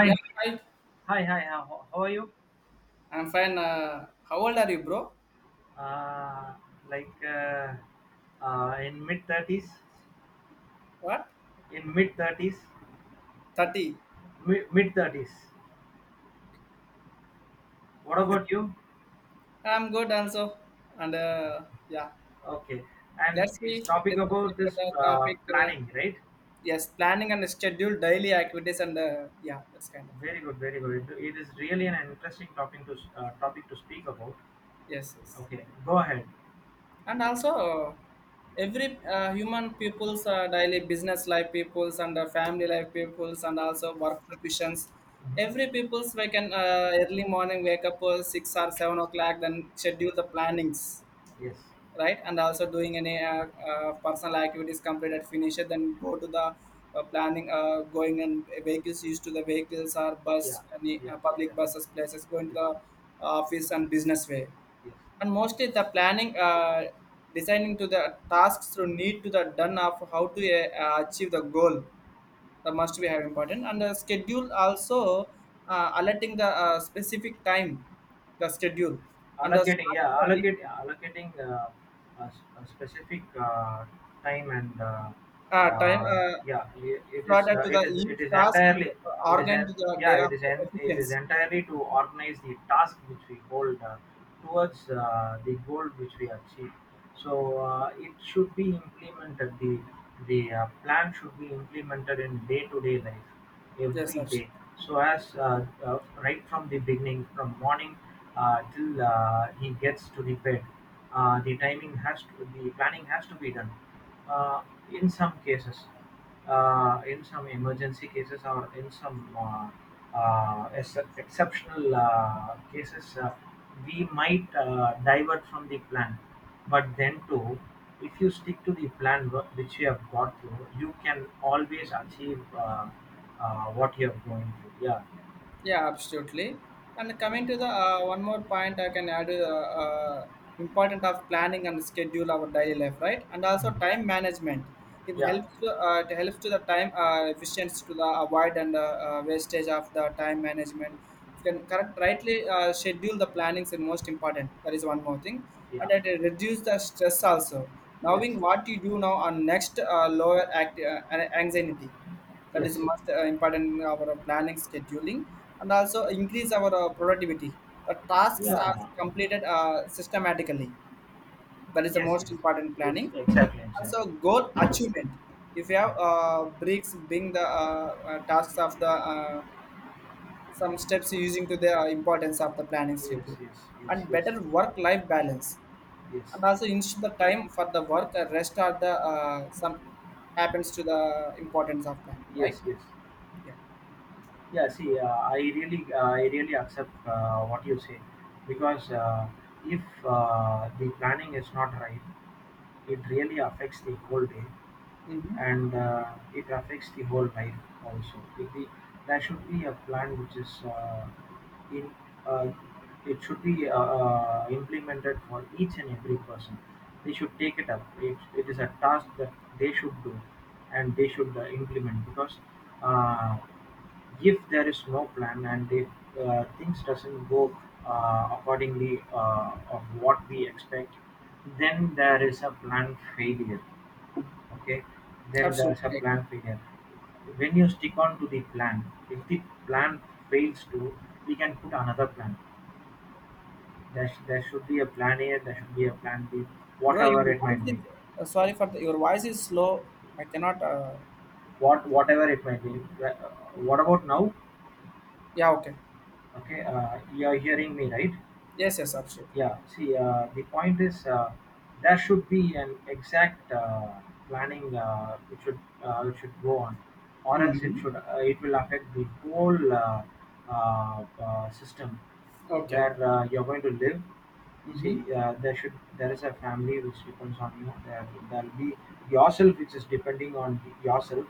Yeah, hi. Hi. How are you? I'm fine. How old are you, bro? Uh, like uh, uh, in mid thirties, What? in mid thirties, 30. mid thirties. What about you? I'm good also. And uh, yeah, Okay, and let's see. it's topic about Discuss about this the topic. Planning, right? Yes, planning and schedule daily activities and yeah, that's kind of. Very good, very good. It is really an interesting topic to topic to speak about. Yes, yes. Okay, go ahead. And also, every human people's daily business life peoples and family life peoples and also work professions, every Mhm. people's wake can early morning wake up 6 or 7 o'clock, then schedule the plannings, Yes. right, and also doing any personal activities, completed, finish it, then go to the planning, going and vehicles, used to the vehicles or bus, Yeah. any Yeah. public Yeah. buses places, going to Yes. the office and business way. Yes. And mostly the planning, designing to the tasks through need to the done of how to achieve the goal, that must be have important, and the schedule also alerting the specific time, the schedule and the Allocating, start yeah, to the re- allocate allocating a specific time and uh, time uh, yeah, it is further to the each it is task, entirely it is organ to en- the day yeah of it is efficiency. entirely to organize the task which we hold towards the goal which we achieve. So it should be implemented. The plan should be implemented in day to day life Yes, every absolutely. day. So as right from the beginning, from morning till he gets to the bed, the timing has to, the planning has to be done. Uh, in some cases, in some emergency cases or in some exceptional cases, we might divert from the plan. But then too, if you stick to the plan which you have got through, you can always achieve what you are going through. Yeah. Yeah, absolutely. And coming to the one more point, I can add important of planning and schedule our daily life, right? And also Mm. time management. Yeah, It helps to the time efficiency, to the avoid and wastage of the time management. You can correct rightly schedule the plannings is most important. That is one more thing, and yeah. it reduce the stress also. Yes, Knowing what you do now and next, lower anxiety, that is yes, most important in our planning scheduling. And also increase our productivity, the tasks are yeah. completed systematically, that is the Yes, yes. most important Yes, planning. exactly, exactly. Also goal achievement, if you have Mm. Breaks being the tasks of the some steps, using to the importance of the planning Yes, schedule, yes, yes, and yes, better work life balance, yes, and also ensure the time for the work rest, are the some happens to the importance of planning, right? yes, yes. Yeah. Yeah, see, I really accept what you say, because if the planning is not right, it really affects the whole day. Hmm. And it affects the whole life also. If the, There should be a plan which is in uh, it should be implemented for each and every person. They should take it up. It is a task that they should do, and they should implement, because uh, if there is no plan and if things doesn't go accordingly of what we expect, then there is a plan failure. Okay, then there's a Absolutely, plan failure when you stick on to the plan. If the plan fails to, we can put another plan there. There should be a plan a, there should be a plan b, right. Bro, whatever your it voice might is, be. Sorry for the, your voice is slow. I cannot, What, whatever it might be. Uh, what about now? yeah, okay. Okay, you are hearing me right? Yes, yes, absolutely. Yeah, see, the point is, there should be an exact planning which should go on, or else it Mm-hmm. should it will affect the whole system Okay. where you're going to live. Mm-hmm. See, there is a family which depends on you. There there'll be yourself which is depending on yourself.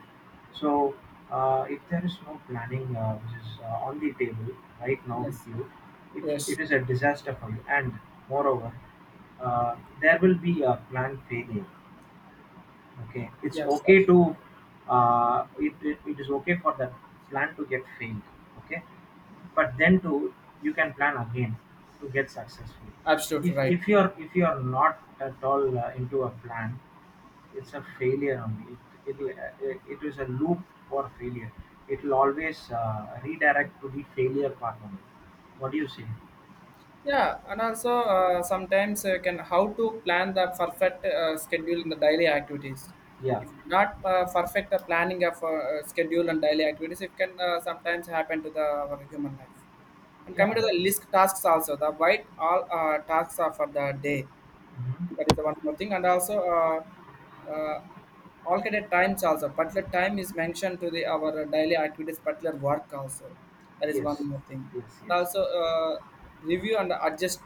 So if there is no planning which is on the table right now Yes, with you, it, yes, it is a disaster for you. And moreover, uh, there will be a plan failure. Okay, it's yes, okay absolutely. to it, it, it is okay for the plan to get failed. Okay, but then to, you can plan again to get successful. Absolutely If right. if you're, if you're not at all into a plan, it's a failure only. It, it it is a loop for failure. It will always redirect to the failure part only. What do you say? Yeah, and also, sometimes, can how to plan the perfect schedule in the daily activities. Yeah, If you not perfect the planning of schedule and daily activities, it can sometimes happen to the our human life. And coming yeah. to the list tasks also, the white all tasks are for the day, that Mhm. is one more thing. And also alternate times also, particular time is mentioned to the our daily activities particular work also, that is one Yes, more thing. yes, And yes, also review and adjust,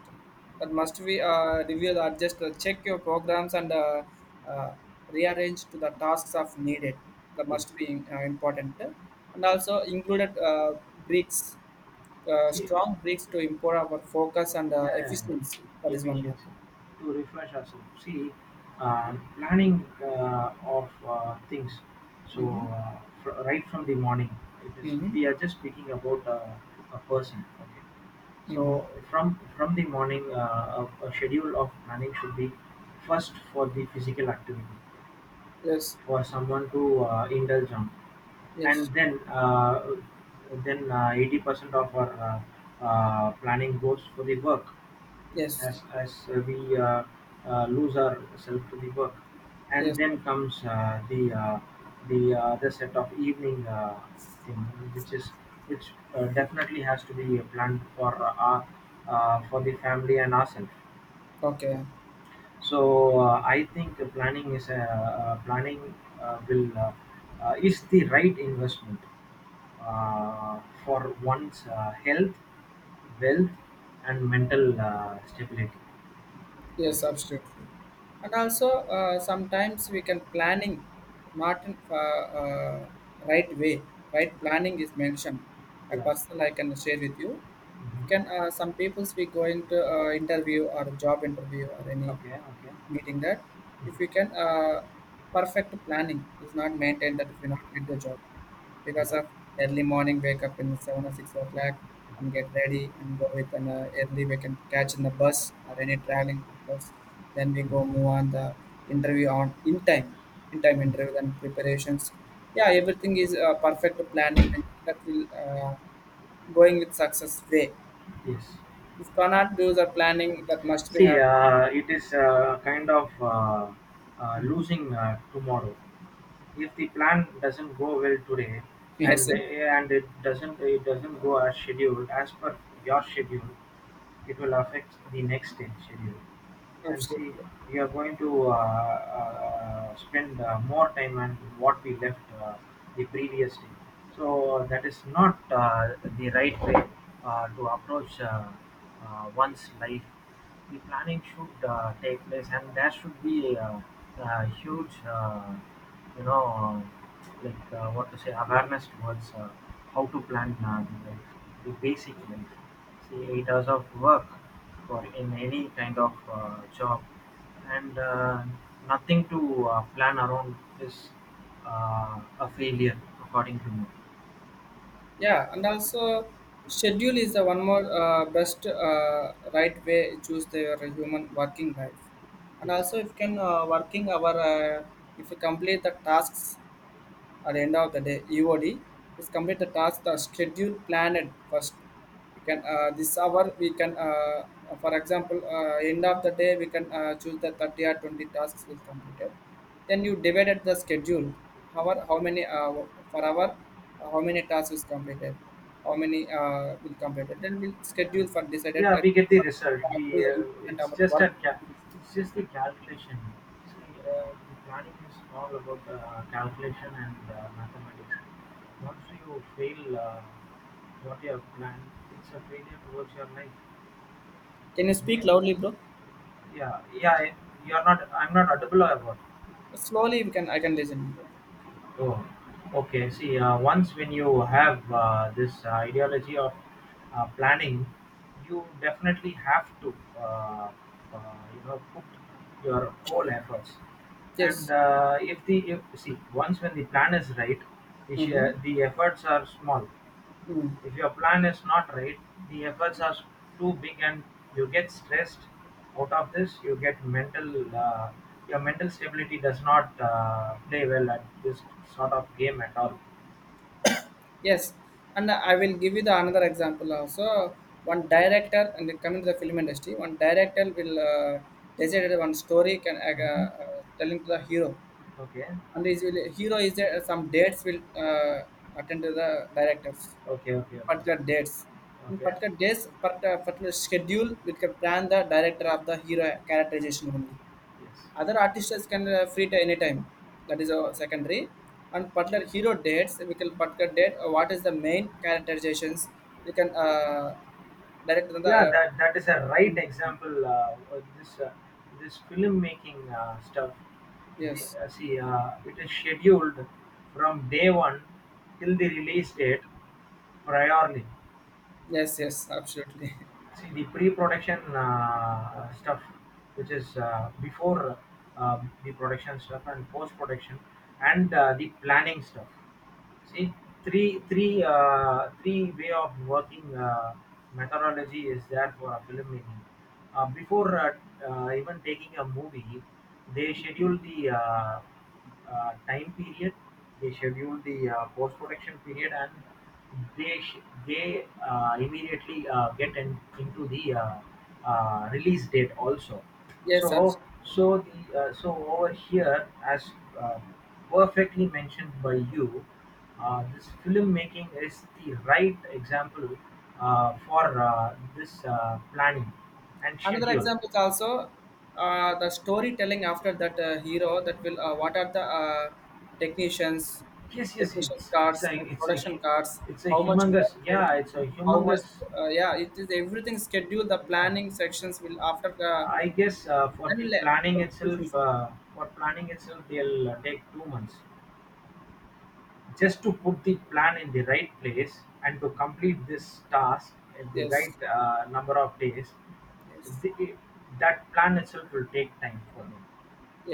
that must be review the adjust, check your programs and uh, rearrange to the tasks of needed, that yes. must be important. And also included breaks, See, strong breaks to improve our focus and yeah, yeah, efficiency, that yeah, is one more efficiency thing. to refresh ourselves. See, planning of things. So Hmm. Right from the morning, it is Mm-hmm. we are just speaking about a person. Okay. Mm-hmm. So from the morning, a schedule of planning should be first for the physical activity Yes, for someone to indulge on, yes, and then 80% of our planning goes for the work yes, as we lose ourselves to the work, and yes. then comes the other set of evening thing, which is which definitely has to be planned for for the family and ourselves. Okay. So I think the planning is planning will is the right investment for one's health, wealth, and mental stability. Yes, Yes. absolutely. And also, sometimes we can planning not in right way. Right planning is mentioned. A Yeah. personal I can share with you. It can Mhm. Some peoples we go into interview or job interview or any Okay, okay. meeting that, if we can perfect planning is not maintained, that if you not get the job because Yeah. of early morning wake up in 7 or 6 o'clock and get ready and go with an early we can catch in the bus or any traveling, because then we go Mhm. move on the interview on in time, in time interview, then preparations, yeah, everything is perfect planning, that will going with success way. Yes. If cannot do the planning, that must be See, had. It is kind of Mhm. losing tomorrow. If the plan doesn't go well today, Yes, and sir. It doesn't, it doesn't go as scheduled as per your schedule, it will affect the next day schedule. And see, Absolutely. we are going to spend more time on what we left the previous day. So that is not the right way to approach one's life. The planning should take place, and there should be a huge, you know, awareness towards how to plan the life, the basic life. See, 8 hours of work for in any kind of job, and nothing to plan around is a failure, according to me. Yeah, and also schedule is the one more best right way, choose their human working life. And Yes. also if can working our if you complete the tasks at the end of the day, EOD, is complete the task, the schedule planned first. We can this hour we can, for example, end of the day we can choose the 30 or 20 tasks will completed. Then you divided the schedule. However, how many for hour, how many tasks is completed, how many will completed, then we'll schedule for decided Yeah, at we get the result. We to the important hour work. It's just the calculation. See, the planning is all about calculation and mathematics. Once you fail what you have planned, it's a failure towards your life. Can you speak Yeah, loudly, bro? yeah, yeah. You're not. I'm not audible. About. Slowly, we can. I can listen. Oh, okay. See, once when you have this ideology of planning, you definitely have to, put your whole efforts. And Yes. If the if, see once when the plan is right, Mm-hmm. The efforts are small. Mm. If your plan is not right, the efforts are too big and you get stressed out of this. You get your mental stability does not play well at this sort of game at all. Yes, and I will give you the another example also. One director, and then coming to the film industry, one director will decided one story can Mhm. telling to the hero, Okay, and is will, hero is there, some dates will attend to the directors, okay, okay, particular okay, dates. In okay. particular dates, particular, particular schedule, we can plan the director of the hero characterization only, Yes. other artists can free to anytime, that is a secondary. And particular hero dates we can particular date, what is the main characterizations we can direct on the Yeah, that that is a right example. Of this this filmmaking stuff. They, yes, see, it is scheduled from day one till the release date priorly. yes, yes, absolutely. See, the pre-production stuff, which is before the production stuff and post-production and the planning stuff. See, three way of working methodology is there for a filmmaking. Before Even taking a movie, they schedule the time period, they schedule the post production period, and they immediately get in, into the release date also. Yes, So absolutely. so the so over here as uh, perfectly mentioned by you, this filmmaking is the right example for this planning and Another schedule. example is also, the storytelling, after that hero, that will what are the technicians, Yes, yes, technicians cards, it's production cards, it's a how much humongous, budget, yeah, it's a how much, humongous. Yeah it is everything scheduled, the Yeah. planning sections will after the, I guess execution for, for planning itself, they'll take 2 months, just to put the plan in the right place and to complete this task in the yes, right number of days. yes, The, that plan itself will take time for them,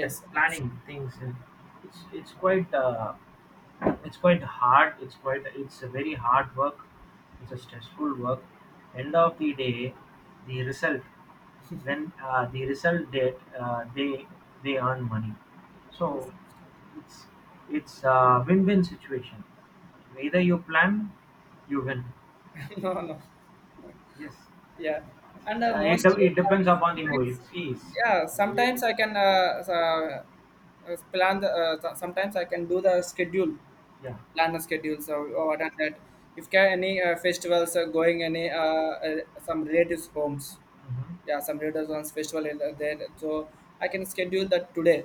that abs-, planning things, and it's it's quite uh, it's quite hard it's quite it's a very hard work, it's a stressful work. End of the day, the result, when the result date they earn money. So yes. it's it's a win-win situation. Either you plan, you win. No, no. Yes. Yeah, and mostly, It depends upon the sometimes, movie, it's easy. yeah, It, sometimes I can, plan the, sometimes I can do the schedule, yeah. plan the schedule so, or what are that, if can any festivals are going, any some relatives homes, Hmm. yeah, some relatives homes festival is there, so I can schedule that today,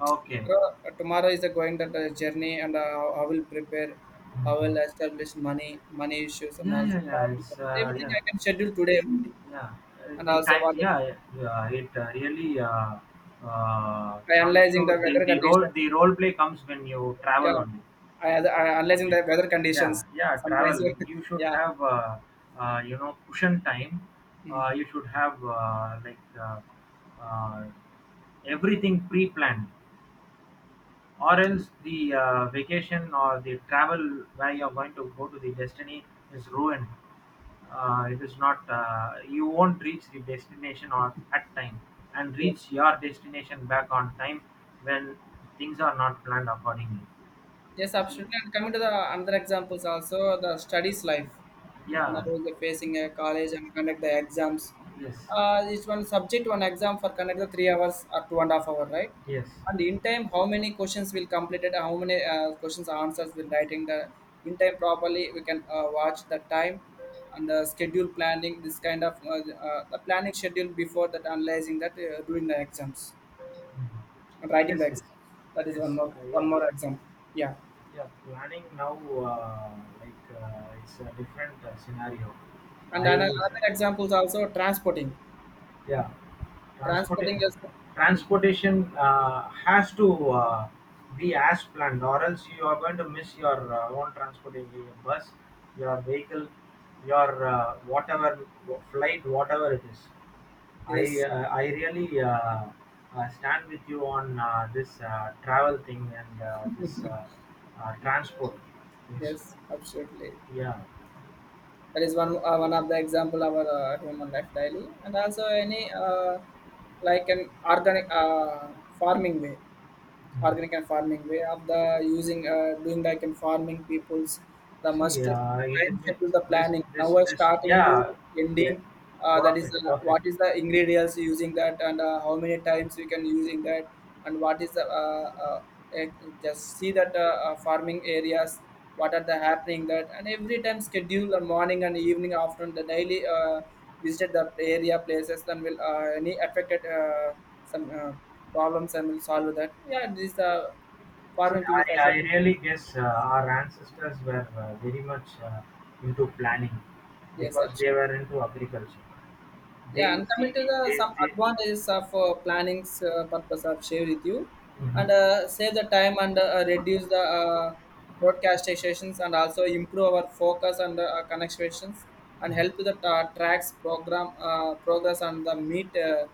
Okay. tomorrow, tomorrow is going that journey, and I will prepare, I will Mhm. establish money, issues, and Yeah, also yeah, yeah, it's everything yeah, I can schedule today only. yeah. And The also time, one, yeah, yeah. Yeah, it really uh, by comes to analyzing the the, weather conditions. the role play comes when you travel Yeah, only. I analyzing Ye- the weather Yeah, conditions yeah, sometimes. travel. You should Yeah. have, cushion time. Mm. You should have uh, everything pre-planned, or else the vacation or the travel where you're going to go to the destiny is ruined. It is not. You won't reach the destination or at time, and Yes. reach your destination back on time when things are not planned accordingly. Yes, See? absolutely. And coming to the another examples also, the studies life. Now Yeah. they're facing a college and conduct the exams. Yes. Each one subject, one exam, for conduct the 3 hours or two and a half hour, right? Yes, And in time, how many questions will completed, how many questions answers will writing the, in time properly. We can watch the time and the schedule planning. This kind of the planning schedule before that, analyzing that doing the exams and writing yes, the yes, exams. That is one yes. more, one Yeah, more example. Yeah, yeah. Planning now, it's a different scenario. and I Yes, yes. another examples also, transporting. Yeah, transporta- Transporting is, Transportation has to be as planned, or else you are going to miss your own transportation, your bus, your vehicle, your whatever flight, whatever it is. Yes, I really stand with you on this travel thing and this transport. It's, yes, absolutely. yeah. That is one one of the example of our human life daily. And also any like an organic farming way. Organic and farming way of the using doing, like in farming peoples, the must Yeah, it time is ma- schedule the this planning, now we're starting to yeah, yeah, ending, that is, perfect perfect. what is the ingredients using that, and how many times we can using that, and what is the eh, just see that, farming areas what are the happening that, and every time schedule and morning and evening afternoon, the daily visited the area places, then will any affected some problems, and will solve that. Yeah, this See, farming people also. I really guess our ancestors were very much into planning Yes, because absolutely. they were into agriculture. Yeah, They and would coming see to the the some they. advantages of planning's purpose I've shared with you, Mhm. and save the time, and reduce the broadcast stations, and also improve our focus and connections, and help the tracks program progress, and the meet uh,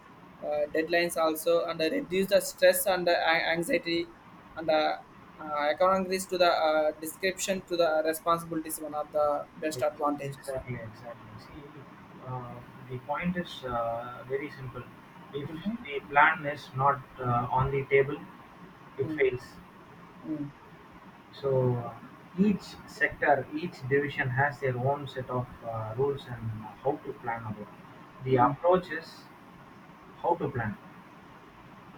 uh, deadlines also, and reduce the stress and an- anxiety, and according to the description to the responsibilities, one of the best Ex- advantages. exactly, exactly. See, uh, the point is very simple. If Mm-hmm. the plan is not on the table, it Mm-hmm. fails. So each sector, each division has their own set of rules and how to plan about. The Mm-hmm. approach is how to plan.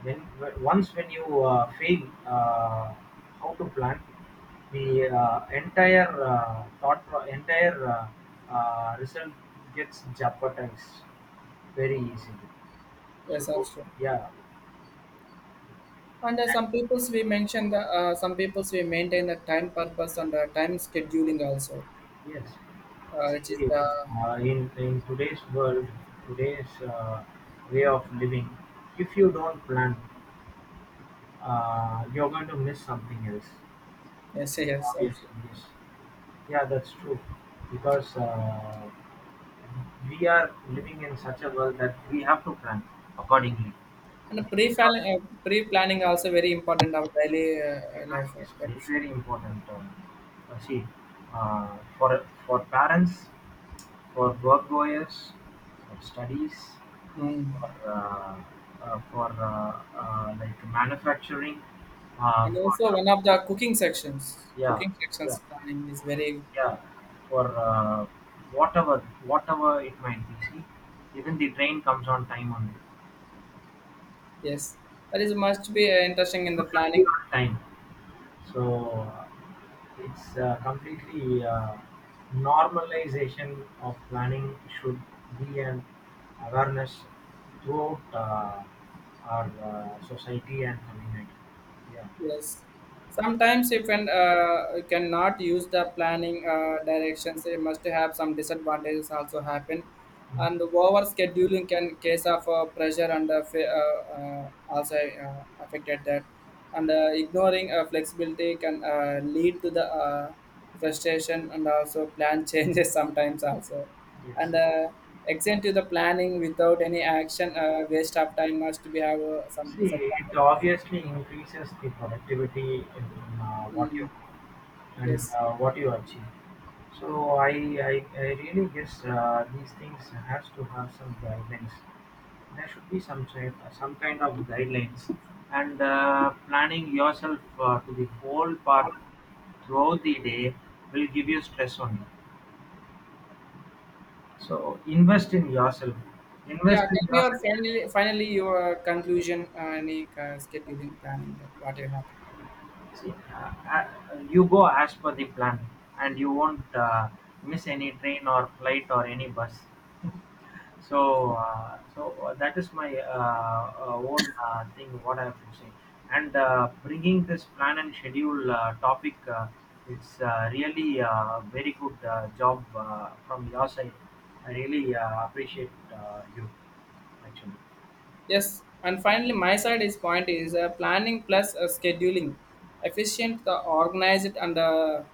Once when you fail, how to plan the entire entire result gets jeopardized very easily. Yes, So absolutely. yeah. And some peoples we mention the some peoples we maintain the time purpose and time scheduling also, Yes. See, which is the, in today's world, today's way of living, if you don't plan, you're going to miss something else. yes, yes, yes, Obviously, absolutely. yes. Yeah, that's true. Because we are living in such a world that we have to plan accordingly. And pre Pre. uh, pre planning also very important of daily Planning life. Is That, very very important. See, for parents, for work goers, for studies, mm. for uh, for like manufacturing, And for also one of the yeah, cooking sections yeah, planning is very, yeah, for whatever, whatever it might be. See, even the train comes on time only. yes. That is must be interesting in the You should be planning. on time. So it's completely normalization of planning should be an awareness throughout our society and community. Yeah. Yes. Sometimes if an cannot use the planning directions, it must have some disadvantages also happen. Mhm. And over scheduling can case of pressure and also affected that. And ignoring flexibility can lead to the frustration, and also plan changes sometimes also. And Yes. Extend to the planning without any action, waste of time must be have some See, it disadvantages. obviously increases the productivity in what you, Mm, and yes. What you achieve. So I really guess these things has to have some guidelines. There should be some type, some kind of guidelines, and planning yourself to the whole part throughout the day will give you stress only. So invest in yourself. Yeah, Invest in tell me your yourself. finally, finally your conclusion and the, scheduling planning that what you have. See, you go as per the plan, and you won't miss any train or flight or any bus. So, that is my own thing. What I have to say, and bringing this plan and schedule topic, it's really very good job from your side. I really appreciate you, actually. Yes, and finally my side is point is planning plus scheduling, efficient, the organized and the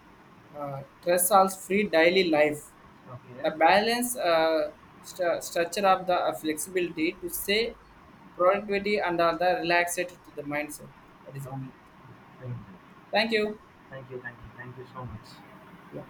stress also free daily life. Okay. The balance structure of the flexibility to say productivity and the relaxed to the mindset. That is one more. Okay. Thank you. Thank you. Thank you. Thank you. Thank you so much. Yeah.